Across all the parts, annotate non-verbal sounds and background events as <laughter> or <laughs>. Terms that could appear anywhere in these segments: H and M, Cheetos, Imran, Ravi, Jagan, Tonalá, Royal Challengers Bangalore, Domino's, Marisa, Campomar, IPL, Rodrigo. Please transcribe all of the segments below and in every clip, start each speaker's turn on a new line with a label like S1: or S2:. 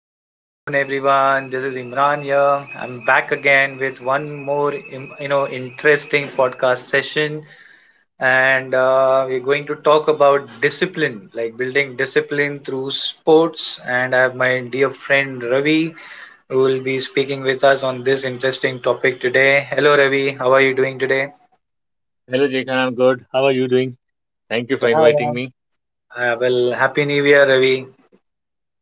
S1: Good afternoon, everyone. This is Imran here. I'm back again with one more, interesting podcast session, and we're going to talk about discipline, like building discipline through sports. And I have my dear friend Ravi, who will be speaking with us on this interesting topic today. Hello, Ravi. How are you doing today?
S2: Hello, Jagan. I'm good. How are you doing? Thank you for
S1: Yeah,
S2: inviting me.
S1: yeah. Well, happy New Year, Ravi.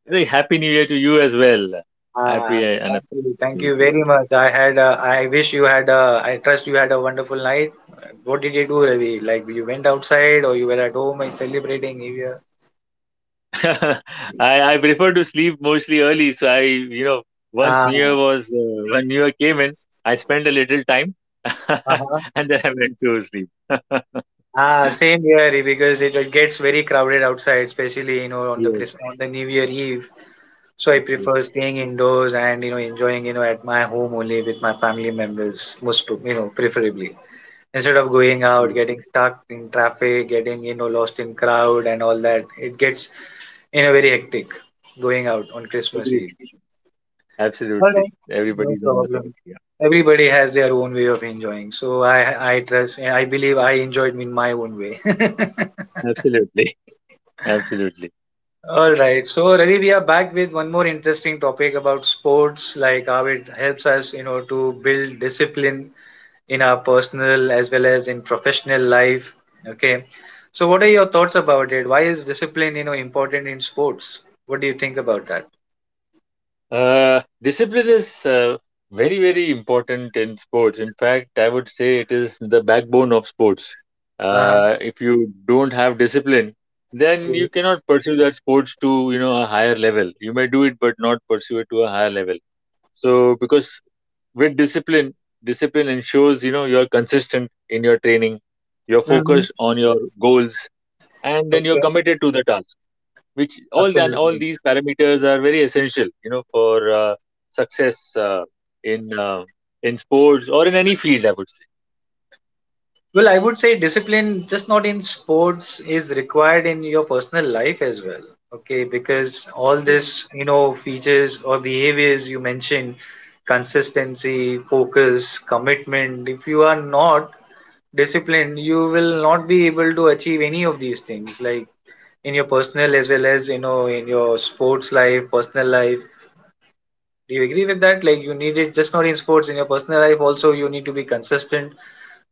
S2: Very happy New Year to you as well.
S1: Ah,
S2: Happy uh, and happy
S1: thank
S2: New
S1: you
S2: Year to
S1: very much. I had, I wish you had, I trust you had a wonderful night. What did you do, Ravi? Like you went outside or you were at home and celebrating New Year?
S2: you. <laughs> I prefer to sleep mostly early, so I you know once
S1: Ah,
S2: New Year was when New Year came in, I spent a little time, <laughs>
S1: uh-huh.
S2: and then I went to sleep. <laughs>
S1: Ah, same here because it gets very crowded outside, especially on the
S2: Yes,
S1: New Year Eve. So I prefer
S2: absolutely.
S1: staying indoors and enjoying at my home only with my family members, most pro- you know preferably, instead of going out,
S2: Yes,
S1: getting stuck in traffic, getting lost in crowd and all that. It gets very hectic going out on Christmas
S2: agreed.
S1: Eve. All
S2: Absolutely.
S1: right, no
S2: Everybody's on the road.
S1: problem.
S2: Yeah,
S1: Everybody has their own way of enjoying, so I believe I enjoyed in my own way. <laughs>
S2: absolutely, <laughs> absolutely.
S1: All right, so Ravi, we are back with one more interesting topic about sports, like how it helps us, you know, to build discipline in our personal as well as in professional life. Okay, so what are your thoughts about it? Why is discipline important in sports? What do you think about that?
S2: Discipline is very, very important in sports. In fact, I would say it is the backbone of sports.
S1: Uh huh.
S2: If you don't have discipline, then you cannot pursue that sports to, you know, a higher level. You may do it, but not pursue it to a higher level. So, because with discipline, discipline ensures, you know, you're consistent in your training, you're
S1: Hmm.
S2: focused on your goals, and then you're
S1: Okay.
S2: committed to the task, which all and all
S1: Absolutely.
S2: these parameters are very essential, you know, for success in uh, in sports or in any field, I would say.
S1: Well, I would say discipline, just not in sports, is required in your personal life as well. Okay, because all
S2: Yeah.
S1: this, features or behaviors you mentioned, consistency, focus, commitment, if you are not disciplined, you will not be able to achieve any of these things, like in your personal as well as, in your sports life, personal life. Do you agree with that? Like, you need it just not in sports, in your personal life also, you need to be consistent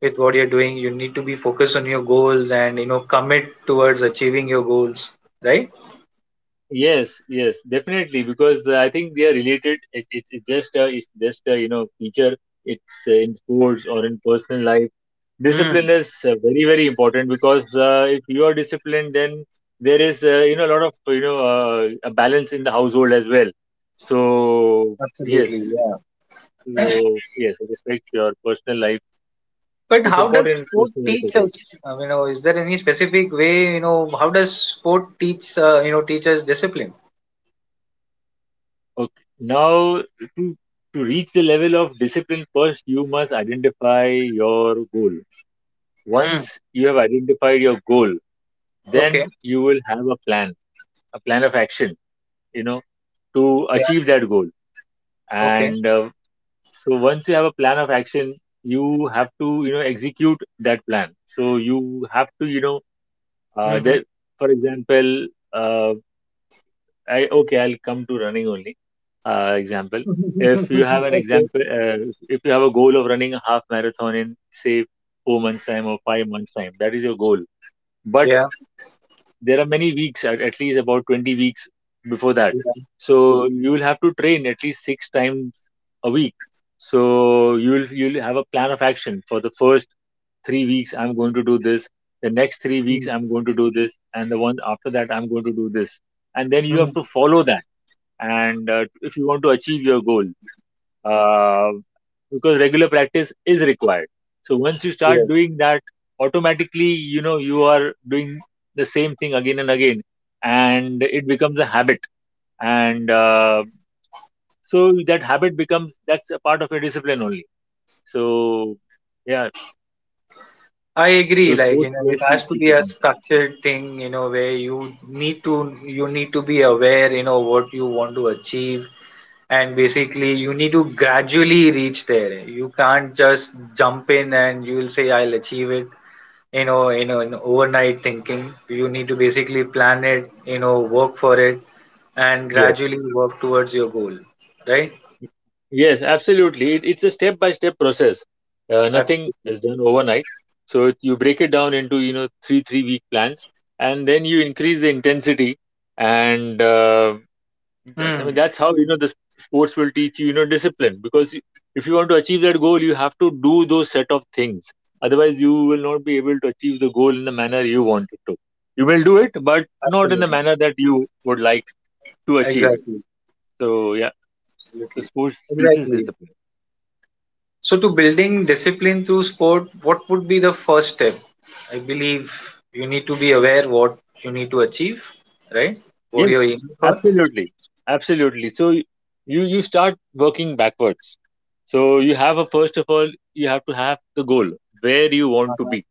S1: with what you're doing. You need to be focused on your goals and commit towards achieving your goals, right?
S2: Yes, yes, definitely, because I think they are related. It, it's it's just a it's just a you know feature. It's In sports or in personal life,
S1: Mm.
S2: discipline is very, very important, because if you are disciplined, then there is you know a lot of a balance in the household as well. So
S1: Absolutely,
S2: yes.
S1: yeah.
S2: So yes, it affects your personal life.
S1: But
S2: It's
S1: how does
S2: important in
S1: sport
S2: personal life as
S1: teach
S2: well.
S1: us? I mean, is there any specific way how does sport teach teach us discipline?
S2: Okay. Now, to to reach the level of discipline, first you must identify your goal.
S1: Mm.
S2: Once you have identified your goal,
S1: Okay.
S2: then you will have a plan of action, you know, to
S1: Yeah.
S2: achieve that goal.
S1: Okay.
S2: And so once you have a plan of action, you have to, you know, execute that plan. So you have to, you know, uh,
S1: Hmm.
S2: there, for example, uh. I, okay, I'll come to running only. Example.
S1: <laughs>
S2: If you have an
S1: Okay.
S2: example, if you have a goal of running a half marathon in say 4 months time or 5 months time, that is your goal. But
S1: Yeah,
S2: there are many weeks, at least about 20 weeks before that.
S1: yeah.
S2: So you will have to train at least 6 times a week. So you'll have a plan of action for the first 3 weeks. I'm going to do this. The next 3 weeks,
S1: Mm,
S2: I'm going to do this, and the one after that, I'm going to do this. And then you
S1: mm,
S2: have to follow that, and if you want to achieve your goal, uh, because regular practice is required. So once you
S1: yeah.
S2: start doing that, automatically, you know, you are doing the same thing again and again, and it becomes a habit. And uh, so that habit becomes, that's a part of your discipline only. So yeah,
S1: I agree.
S2: so
S1: Like
S2: sports just
S1: it
S2: teach
S1: has to be a
S2: discipline.
S1: structured thing. Where you need to be aware. You know what you want to achieve, and basically you need to gradually reach there. You can't just jump in and you'll say I'll achieve it in overnight thinking. You need to basically plan it, work for it and
S2: Yes.
S1: gradually work towards your goal, right?
S2: Y- Yes, absolutely. It's a step-by-step process. Nothing
S1: Absolutely.
S2: is done overnight. So it, you break it down into, you know, three three-week plans, and then you increase the intensity. And uh, I mean,
S1: Hmm.
S2: that's how, you know, sports will teach you, you know, discipline. If you want to achieve that goal, you have to do those set of things. Otherwise, you will not be able to achieve the goal in the manner you want it to. You will do it, but not in the
S1: Absolutely.
S2: manner that you would like to achieve it.
S1: Exactly.
S2: So yeah, the
S1: Absolutely.
S2: sports teaches
S1: Exactly.
S2: discipline.
S1: So to building discipline through sport, what would be the first step? I believe you need to be aware what you need to achieve, right? What
S2: Yes,
S1: you're aiming for.
S2: absolutely. Absolutely. You you start working backwards. So you have a, first of all, you have to have the goal where you want to be.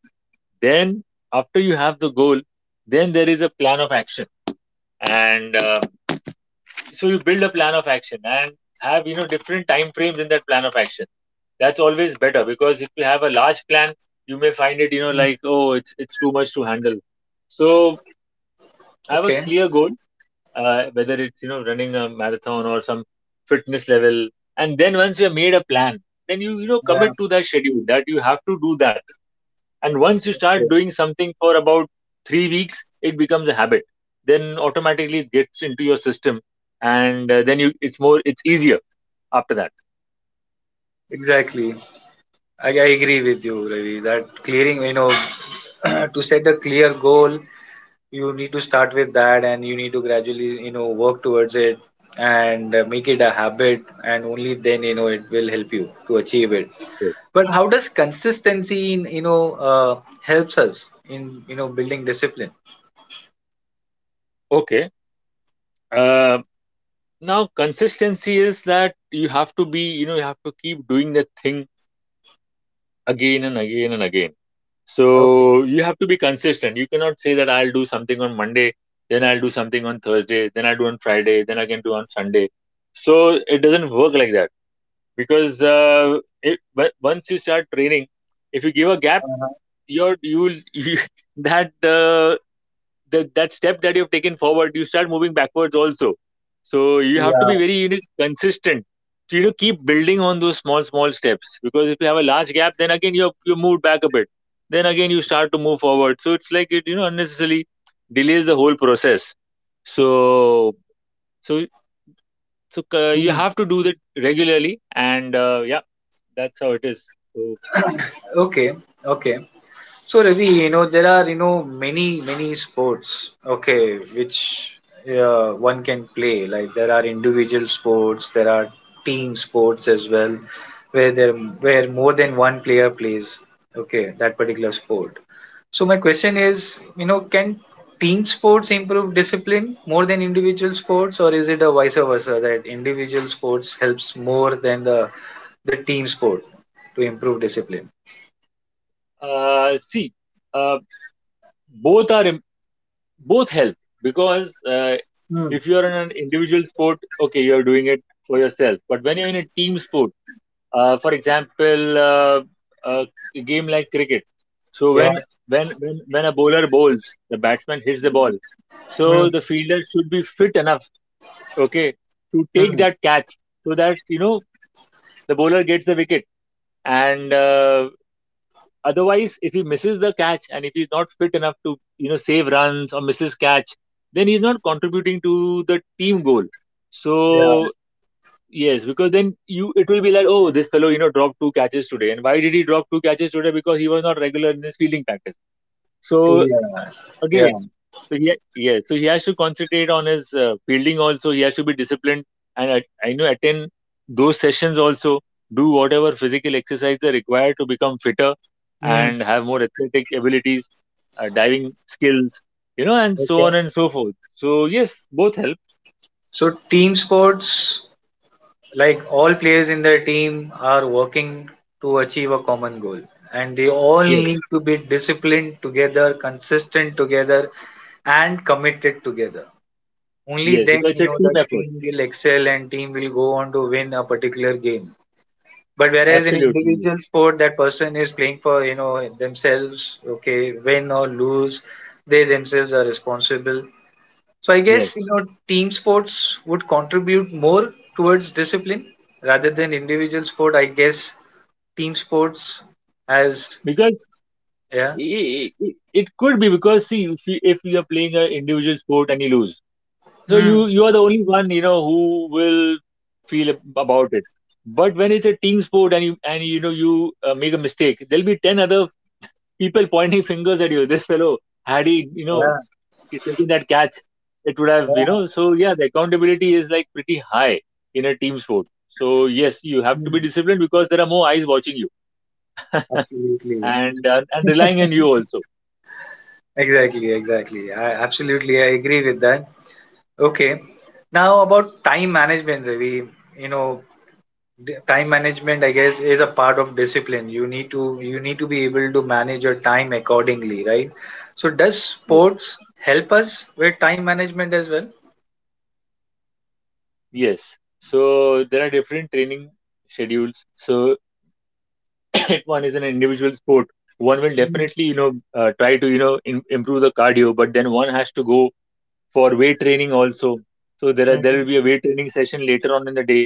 S2: Then after you have the goal, then there is a plan of action, and so you build a plan of action and have, you know, different time frames in that plan of action. That's always better, because if you have a large plan, you may find it, you know, like, oh, it's too much to handle. So have a
S1: Okay.
S2: clear goal, whether it's, you know, running a marathon or some fitness level, and then once you have made a plan, then you know,
S1: Yeah.
S2: commit to that schedule, that you have to do that. And once you start
S1: Yeah.
S2: doing something for about 3 weeks, it becomes a habit, then automatically it gets into your system, and then you, it's more, it's easier after that.
S1: Exactly. I agree with you, Ravi, that clearing, <clears throat> to set a clear goal, you need to start with that and you need to gradually, work towards it and make it a habit, and only then, it will help you to achieve it.
S2: Yes.
S1: But how does consistency in, helps us in, building discipline?
S2: Okay, uh, now consistency is that you have to be, you know, you have to keep doing the thing again and again and again.
S1: Okay.
S2: So you have to be consistent. You cannot say that I'll do something on Monday, then I'll do something on Thursday, then I'll do on Friday, then I can do on Sunday. So it doesn't work like that, because once you start training, if you give a gap, you're you'll you, <laughs> that uh, that step that you've taken forward, you start moving backwards also. So you have to
S1: Yeah.
S2: be very, you know, consistent, to, you know, keep building on those small small steps, because if you have a large gap, then again you moved back a bit, then again you start to move forward, so it's like it, you know, unnecessarily delays the whole process. So so so uh, you
S1: Mhm.
S2: have to do that regularly, and yeah, that's how it is. So
S1: Okay. Okay. So Ravi, there are many many sports, okay, which one can play. Like there are individual sports, there are team sports as well, where there where more than one player plays, okay, that particular sport. So my question is, can team sports improve discipline more than individual sports? Or is it a vice versa that individual sports helps more than the team sport to improve discipline?
S2: see, uh, both are im- both help, because
S1: Hmm.
S2: if you're in an individual sport, okay, you're doing it for yourself, but when you're in a team sport, for example, uh, a game like cricket. So
S1: Yeah.
S2: when when a bowler bowls, the batsman hits the ball,
S1: Hmm.
S2: so the fielder should be fit enough, okay, to take
S1: Hmm.
S2: that catch, so that, you know, the bowler gets the wicket. And Otherwise, if he misses the catch and if he's not fit enough to, you know, save runs or misses catch, then he's not contributing to the team goal.
S1: Yeah,
S2: So yes, because then you, it will be like, oh, this fellow, you know, dropped two catches today. And why did he drop two catches today? Because he was not regular in his fielding practice. So
S1: yeah, yeah.
S2: again, so yeah, yeah, so he has to concentrate on his fielding also, he has to be disciplined and I know attend those sessions also, do whatever physical exercise are required to become fitter
S1: Hmm.
S2: and have more athletic abilities, diving skills, you know, and so
S1: Okay.
S2: on and so forth. So yes, both help.
S1: So team sports, like all players in the team are working to achieve a common goal, and they all need
S2: Yes,
S1: to be disciplined together, consistent together and committed together. Only
S2: yes,
S1: then
S2: because it's a
S1: the
S2: team effort.
S1: team will excel and team will go on to win a particular game. But whereas in
S2: Absolutely.
S1: individual sport, that person is playing for themselves, okay, win or lose, they themselves are responsible. So I
S2: Yes,
S1: guess team sports would contribute more towards discipline rather than individual sport. I guess team sports has.
S2: because
S1: Yeah.
S2: i i i- it could be, because see, if you are playing an individual sport and you lose, so you
S1: Hmm.
S2: you are the only one, you know, who will about it. But when it's a team sport and you, and you know you make a mistake, there'll be ten other people <laughs> pointing fingers at you. This fellow, had he, you know,
S1: Yeah.
S2: taken that catch, it would
S1: Yeah.
S2: have, you know. So yeah, the accountability is like pretty high in a team sport. So yes, you have to be
S1: Hmm.
S2: disciplined because there are more eyes watching you
S1: Absolutely.
S2: and relying on you also.
S1: Exactly. Exactly. I agree with that. Okay. Now about time management, Ravi. You know, time management, I guess, is a part of discipline. You need to be able to manage your time accordingly, right? So does
S2: Yes.
S1: sports help us with time management as well?
S2: Yes. So there are different training schedules. So <laughs> if one is an individual sport, one will
S1: Mm-hmm.
S2: definitely, you know, try to, you know, im improve the cardio, but then one has to go for weight training also. So there are, there will be a weight training session later on in the day.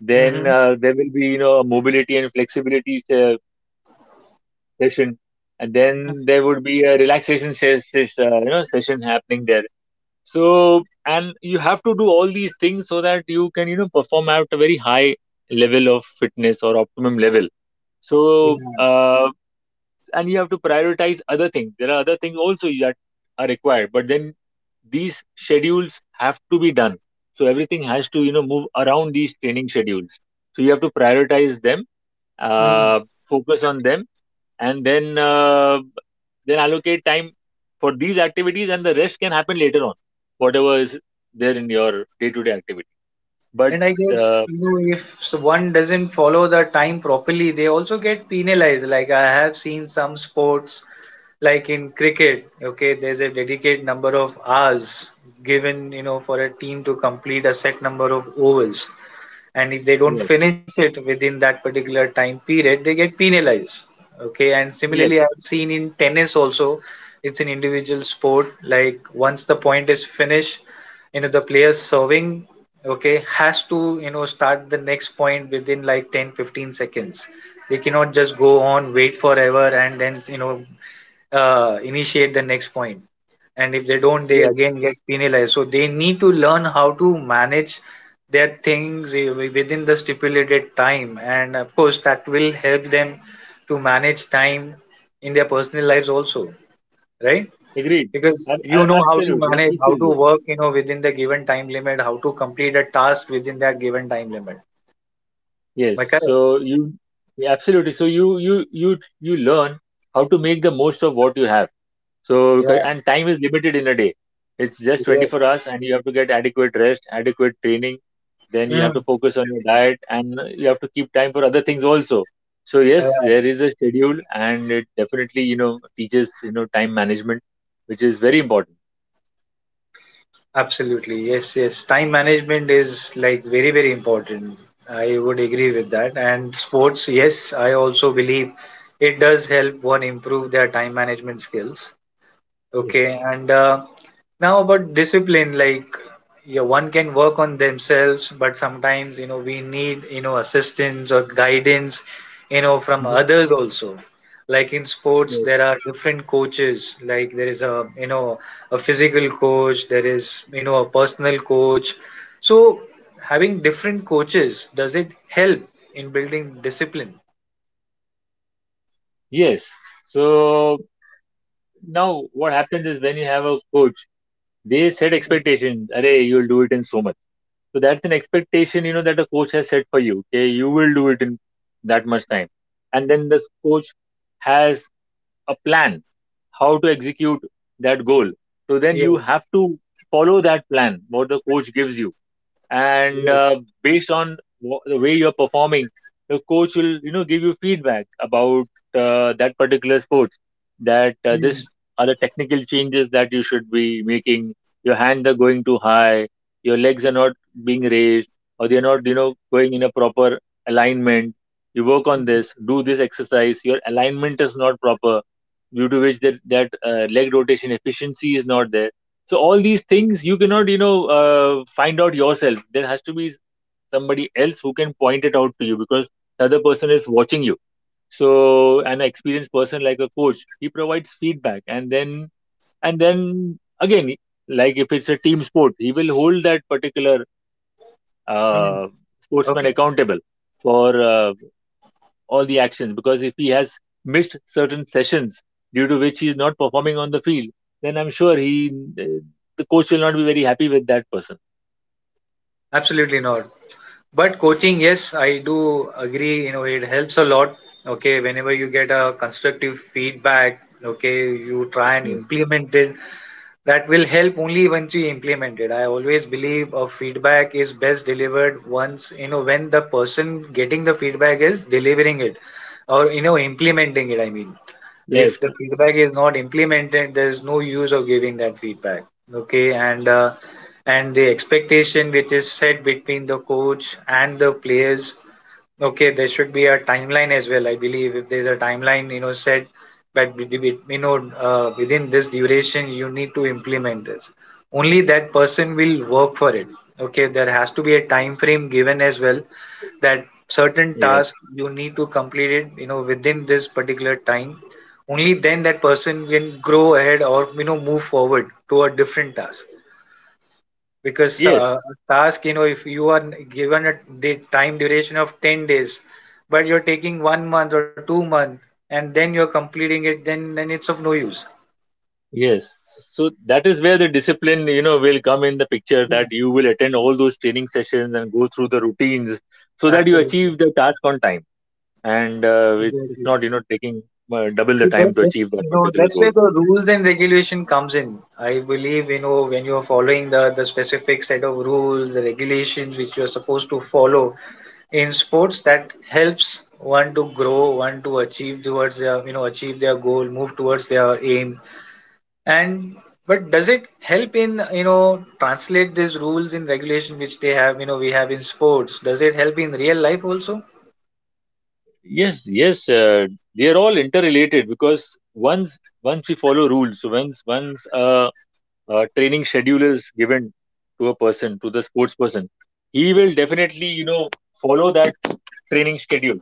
S2: Then
S1: Hmm.
S2: there will be, you know, a mobility and flexibility session, and then there would be a relaxation you know, session happening there. So, and you have to do all these things so that you can, you know, perform at a very high level of fitness or optimum level. So,
S1: Yeah.
S2: and you have to prioritize other things. There are other things also that are required, but then these schedules have to be done. So everything has to, you know, move around these training schedules. So you have to prioritize them,
S1: Mhm.
S2: focus on them, and then allocate time for these activities, and the rest can happen later on, whatever is there in your day-to-day activity. But
S1: And I guess
S2: uh,
S1: if one doesn't follow the time properly, they also get penalized. Like I have seen some sports, like in cricket, okay, there's a dedicated number of hours given, for a team to complete a set number of overs. And if they don't
S2: yes,
S1: finish it within that particular time period, they get penalized, okay. And
S2: yes,
S1: similarly, I've seen in tennis also, it's an individual sport. Like once the point is finished, the player serving, okay, has to start the next point within like 10 15 seconds. They cannot just go on wait forever and then initiate the next point. And if they don't, they
S2: yes,
S1: again get penalized. So they need to learn how to manage their things, within the stipulated time. And of course, that will help them to manage time in their personal lives also, right?
S2: agreed.
S1: Because you know how to
S2: Absolutely, it
S1: manage, how
S2: teaches
S1: to
S2: you.
S1: work, within the given time limit, how to complete a task within that given time limit. Am
S2: Yes,
S1: I correct?
S2: so you, yeah, absolutely. So you learn how to make the most of what you have.
S1: Yeah.
S2: And time is limited in a day. It's just
S1: Yeah.
S2: 24 hours, and you have to get adequate rest, adequate training. Then you have to focus on your diet, and you have to keep time for other things also. So yes,
S1: Mm.
S2: there is a schedule, and it definitely you know teaches you know time management, which is very important.
S1: Absolutely. Yes, yes. Time management is like very, very important. I would agree with that. And sports, yes, I also believe it does help one improve their time management skills.
S2: Yeah.
S1: Okay. And now about discipline, like, yeah, one can work on themselves, but sometimes we need assistance or guidance, from
S2: Mhm.
S1: others also. Like in sports,
S2: Yes.
S1: there are different coaches. Like there is a you know a physical coach, there is a personal coach. So having different coaches, does it help in building discipline?
S2: Yes. So now what happens is when you have a coach, they set expectations. Arey, you'll do it in so much. So that's an expectation, you know, that a coach has set for you. Okay, you will do it in that much time. And then this coach has a plan how to execute that goal. So then you
S1: Yes.
S2: have to follow that plan, what the coach gives you and
S1: Yes.
S2: uh, based on the way you're performing, the coach will, you know, give you feedback about that particular sports, that
S1: Mm,
S2: this are the technical changes that you should be making. Your hands are going too high, your legs are not being raised, or they're not, you know, going in a proper alignment. You work on this, do this exercise, your alignment is not proper, due to which that leg rotation efficiency is not there. So all these things you cannot, you know, find out yourself. There has to be somebody else who can point it out to you, because the other person is watching you. So an experienced person like a coach, he provides feedback, and then again, like if it's a team sport, he will hold that particular
S1: mm.
S2: uh, sportsman
S1: Okay.
S2: accountable for uh, all the actions, because if he has missed certain sessions, due to which he is not performing on the field, then I'm sure he the coach will not be very happy with that person.
S1: Absolutely not. But coaching, yes, I do agree. It helps a lot. Okay, whenever you get a constructive feedback, okay, you try and
S2: Yes,
S1: implement it. That will help only once you implement it. I always believe a feedback is best delivered once, when the person getting the feedback is delivering it or, implementing it, I mean, if
S2: yes,
S1: the feedback is not implemented, there's no use of giving that feedback, okay. And the expectation which is set between the coach and the players, okay, there should be a timeline as well. I believe if there's a timeline, said that within this duration you need to implement this. Only that person will work for it. Okay, there has to be a time frame given as well that certain
S2: yes,
S1: task you need to complete it. Within this particular time, only then that person can grow ahead or move forward to a different task, because
S2: yes,
S1: task, if you are given a the time duration of 10 days but you're taking one month or 2 month and then you're completing it, then it's of no use.
S2: yes. So that is where the discipline, you know, will come in the picture,
S1: Yeah,
S2: that you will attend all those training sessions and go through the routines so that you
S1: absolutely.
S2: achieve the task on time. And it's
S1: Exactly.
S2: not, you know, taking double the
S1: See,
S2: time to achieve that particular
S1: that's
S2: goal.
S1: where the rules and regulation comes in. I believe, when you're following the specific set of rules, the regulations which you're supposed to follow in sports, that helps one to grow, one to achieve towards their you know achieve their goal, move towards their aim. And but does it help in translate these rules in regulation which they have, you know, we have in sports? Does it help in real life also?
S2: Yes, yes, they are all interrelated, because once we follow rules, so once a training schedule is given to a person, to the sports person, he will definitely, you know, follow that training schedule.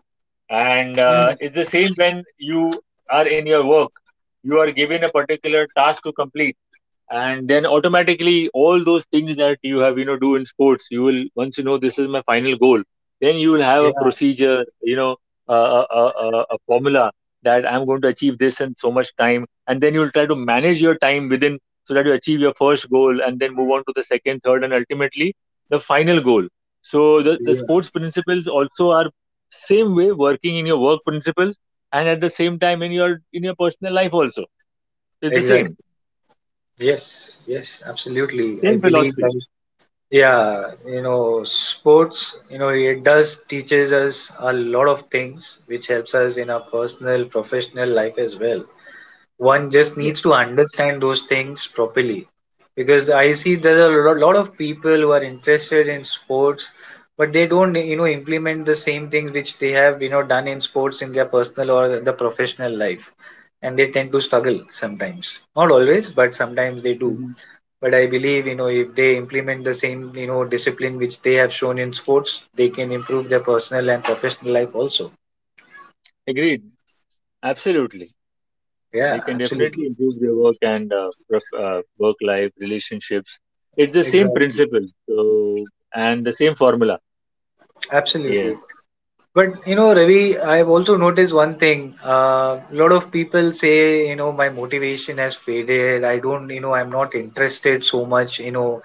S2: And
S1: Mm,
S2: It's the same when you are in your work, you are given a particular task to complete, and then automatically all those things that you have, you know, do in sports, you will, once you know this is my final goal, then you will have a
S1: yeah,
S2: procedure, you know, a formula that I'm going to achieve this in so much time, and then you will try to manage your time within, so that you achieve your first goal and then move on to the second, third, and ultimately the final goal. So the
S1: yeah,
S2: sports principles also are same way working in your work principles, and at the same time in your personal life also, it's the
S1: exactly.
S2: same
S1: Yes, yes, absolutely. I
S2: same
S1: believe, like,
S2: philosophy.
S1: yeah, sports, it does teaches us a lot of things which helps us in our personal, professional life as well. One just needs
S2: Yes.
S1: to understand those things properly because I see there's a lot of people who are interested in sports but they don't implement the same things which they have done in sports in their personal or the professional life, and they tend to struggle sometimes, not always, but sometimes they do.
S2: Mhm.
S1: But I believe, you know, if they implement the same, you know, discipline which they have shown in sports, they can improve their personal and professional life also.
S2: Agreed. Absolutely.
S1: Yeah,
S2: They can
S1: absolutely.
S2: definitely improve their work and work life relationships. It's the same
S1: Exactly.
S2: principle. So, and the same formula.
S1: Absolutely.
S2: Yes.
S1: But you know, Ravi, I've also noticed one thing. A lot of people say, you know, my motivation has faded. I don't, you know, I'm not interested so much, you know,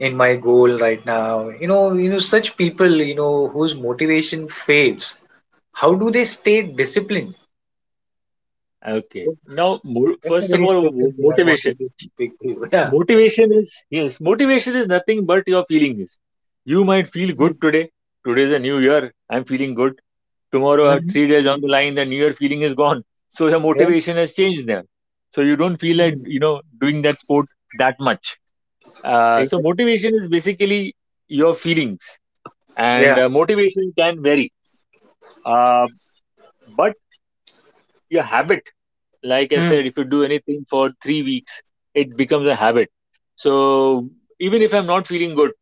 S1: in my goal right now. You know, such people, you know, whose motivation fades. How do they stay disciplined?
S2: Okay.
S1: That-
S2: Now,
S1: That's a
S2: first
S1: very
S2: of all,
S1: interesting thing. I
S2: motivation.
S1: wanted to speak to you.
S2: Motivation is, yes, motivation is nothing but your feelings. You might feel good today. Today is a new year. I'm feeling good. Tomorrow, 3 days on the line, the new year feeling is gone. So, your motivation has changed there. So, you don't feel like, you know, doing that sport that much. So
S1: <laughs>
S2: motivation is basically your feelings,
S1: Yeah. Mm-hmm. Yeah. Mhm. Exactly.
S2: and
S1: Yeah.
S2: uh, motivation can vary. Uh, but your habit, like I
S1: Mm.
S2: said, if you do anything for 3 weeks, it becomes a habit. So even if I'm not feeling good,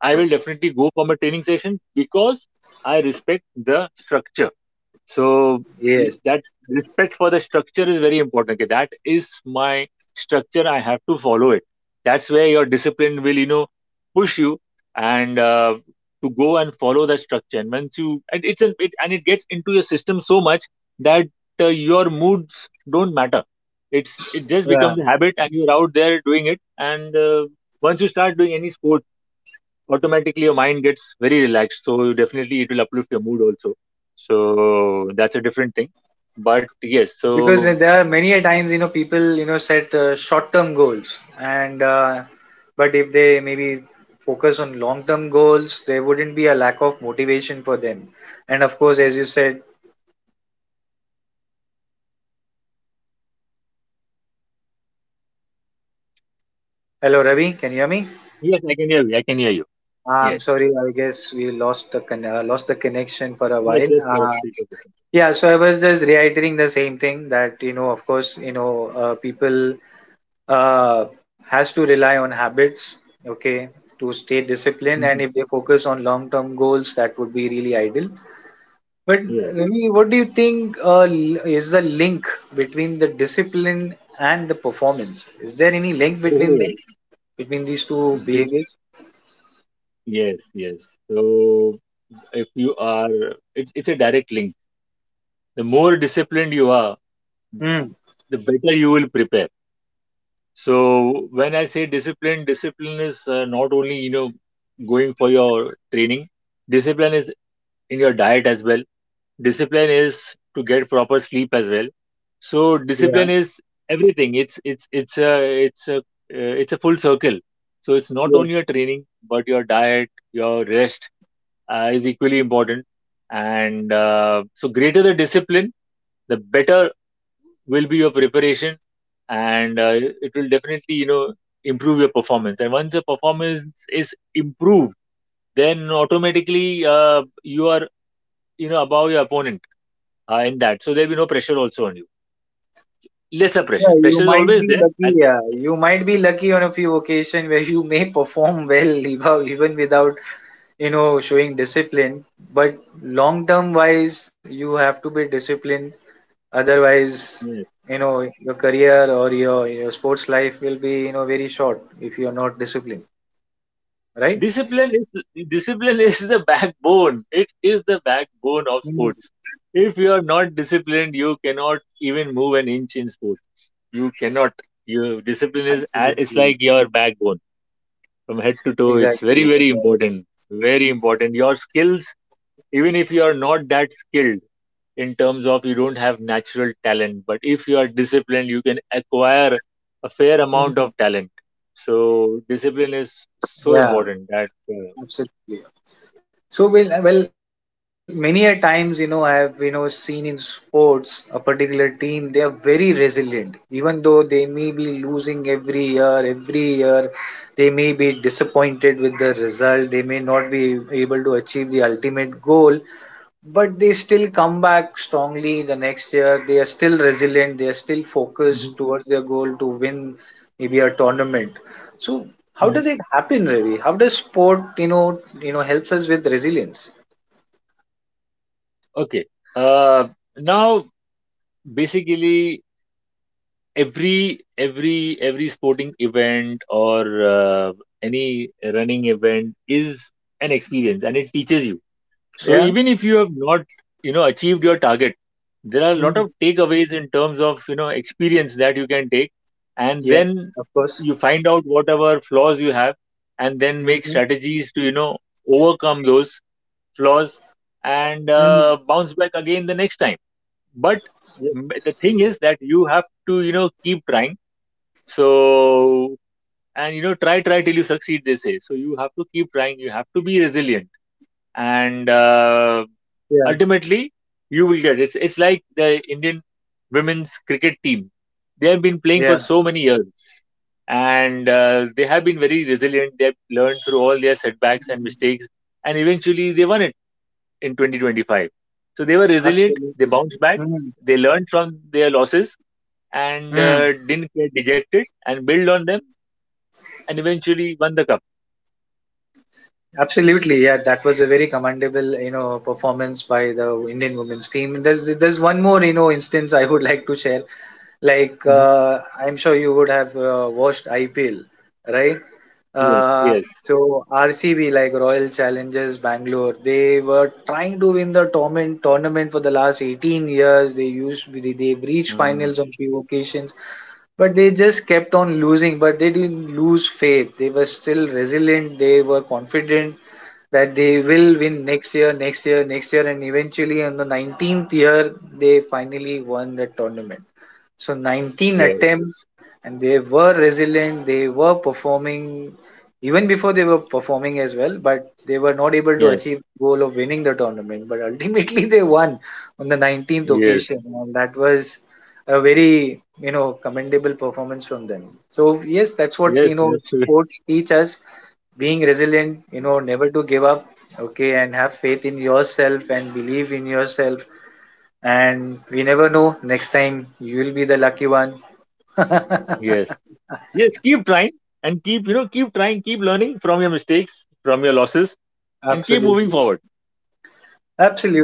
S2: I will definitely go for my training session because I respect the structure. So
S1: Yes.
S2: that respect for the structure is very important. Okay, that is my structure. I have to follow it. That's where your discipline will, you know, push you and to go and follow that structure. And once you and it's an it and it gets into your system so much that your moods don't matter. It just
S1: Yeah.
S2: becomes a habit, and you're out there doing it. And Once you start doing any sport, automatically your mind gets very relaxed, so you definitely, it will uplift your mood also. So that's a different thing, but yes,
S1: Because
S2: so
S1: there are many a times, you know, people, you know, set short-term goals, and but if they maybe focus on long-term goals, there wouldn't be a lack of motivation for them, and of course, as you said, hello Ravi, can you hear me?
S2: yes, I can hear you, I can hear you.
S1: I'm
S2: Yes,
S1: sorry, I guess we lost the lost the connection for a
S2: yes,
S1: while.
S2: just for a 3 4 seconds.
S1: Yeah, so I was just reiterating the same thing that, you know, of course, you know, people has to rely on habits, okay, to stay disciplined. And
S2: Mhm.
S1: if they focus on long term goals, that would be really ideal. But
S2: Yes.
S1: Ravi, what do you think, is the link between the discipline and the performance? Is there any link between them,
S2: oh
S1: between these two
S2: this,
S1: behaviors?
S2: yes, yes. So if you are, it's a direct link. The more disciplined you are,
S1: Hmm.
S2: the better you will prepare. So when I say discipline, discipline is, not only, you know, going for your training. Discipline is in your diet as well. Discipline is to get proper sleep as well. So
S1: Yeah,
S2: discipline is everything. It's a full circle. So it's not only
S1: yes.
S2: your training, but your diet, your rest is equally important. And So greater the discipline, the better will be your preparation, and it will definitely, you know, improve your performance. And once your performance is improved, then automatically you are, you know, above your opponent in that. So there'll be no pressure also on you, lesser pressure.
S1: Yeah, you
S2: Pressure is
S1: might
S2: always
S1: be
S2: there.
S1: lucky.
S2: And
S1: Yeah, you might be lucky on a few occasion where you may perform well <laughs> even without, you know, showing discipline, but long term wise you have to be disciplined, otherwise,
S2: yeah,
S1: you know, your career or your sports life will be, you know, very short if you are not disciplined, right?
S2: discipline is, discipline is the backbone. It is the backbone of
S1: Mm.
S2: sports. If you are not disciplined, you cannot even move an inch in sports. You cannot, your discipline is it's
S1: Absolutely.
S2: like your backbone from head to toe. It's
S1: Exactly.
S2: very, very
S1: Exactly.
S2: important. Very important. Your skills, even if you are not that skilled, in terms of you don't have natural talent, but if you are disciplined, you can acquire a fair amount
S1: Mm.
S2: of talent. So discipline is so
S1: Yeah,
S2: important that
S1: absolutely. So well, well, many a times, you know, I have, you know, seen in sports a particular team, they are very resilient, even though they may be losing every year, every year, they may be disappointed with the result, they may not be able to achieve the ultimate goal, but they still come back strongly the next year. They are still resilient. They are still
S2: mhm,
S1: focused towards their goal to win maybe a tournament. So how
S2: mhm,
S1: does it happen, Ravi? How does sport, you know, helps us with resilience?
S2: okay, uh, now basically every every sporting event or uh, any running event is an experience, and it teaches you. So
S1: Yeah.
S2: even if you have not, you know, achieved your target, there are a lot of
S1: Mm.
S2: takeaways in terms of, you know, experience that you can take. And
S1: Yeah.
S2: then
S1: Of course.
S2: you find out whatever flaws you have, and then make
S1: Hmm.
S2: strategies to, you know, overcome those flaws, and
S1: Mm.
S2: uh, bounce back again the next time. But mm,
S1: Yes.
S2: the thing is that you have to, you know, keep trying. So, and, you know, try, try till you succeed, they say. So you have to keep trying. You have to be resilient, and
S1: Yeah.
S2: ultimately you will get, it's like the Indian women's cricket team. They have been playing
S1: Yeah.
S2: for so many years, and they have been very resilient. They have learned through all their setbacks and mistakes, and eventually they won it in 2025. So they were resilient. They
S1: Absolutely.
S2: bounced back.
S1: Mm.
S2: They learned from their losses, and
S1: Mm.
S2: uh, didn't get dejected and build on them, and eventually won the cup.
S1: Absolutely, yeah. That was a very commendable, you know, performance by the Indian women's team. There's one more, you know, instance I would <laughs> like to share. Like
S2: Mhm.
S1: I'm sure you would have watched IPL, right?
S2: Yes,
S1: Uh,
S2: yes,
S1: so RCB, like Royal Challengers Bangalore, they were trying to win the tournament for the last 18 years. They've reached
S2: uh,
S1: finals on few occasions, but they just kept on losing. But they didn't lose faith. They were still resilient. They were confident that they will win next year, next year, next year, and eventually on the 19th year they finally won the tournament. So 19
S2: yes,
S1: attempts, and they were resilient. They were performing, even before they were performing as well, but they were not able to
S2: yes,
S1: achieve the goal of winning the tournament. But ultimately, <laughs> they won on the 19th occasion,
S2: yes.
S1: and that was a very, you know, commendable performance from them. So yes, that's what, you
S2: Yes,
S1: know,
S2: absolutely.
S1: sports teach us, being resilient, you know, never to give up, okay, and have faith in yourself and believe in yourself, and we never know, next time you'll be the lucky one. <laughs>
S2: Yes. Yes, keep trying and keep, you know, keep trying, keep learning from your mistakes, from your losses, and keep moving
S1: Absolutely.
S2: forward.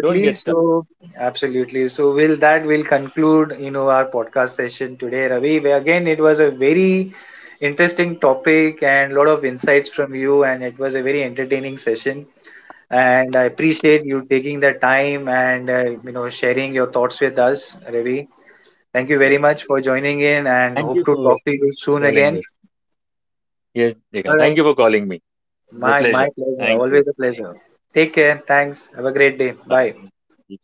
S2: Don't get stuck.
S1: So, absolutely. So, will that will conclude, you know, our podcast session today, Ravi. Where again, it was a very interesting topic and a lot of insights from you, and it was a very entertaining session. And I appreciate you taking the time and you know, sharing your thoughts with us, Ravi. Thank you
S2: Yeah.
S1: very much for joining in, and
S2: Thank
S1: hope
S2: you
S1: to
S2: for
S1: talk to you soon
S2: calling
S1: again.
S2: me. Yes, Dekan.
S1: All
S2: Thank
S1: right.
S2: you for calling me. It's a
S1: My
S2: pleasure.
S1: pleasure.
S2: Thank you.
S1: Always a pleasure. Take care. Thanks. Have a great day.
S2: Bye.
S1: Bye.
S2: Thank you.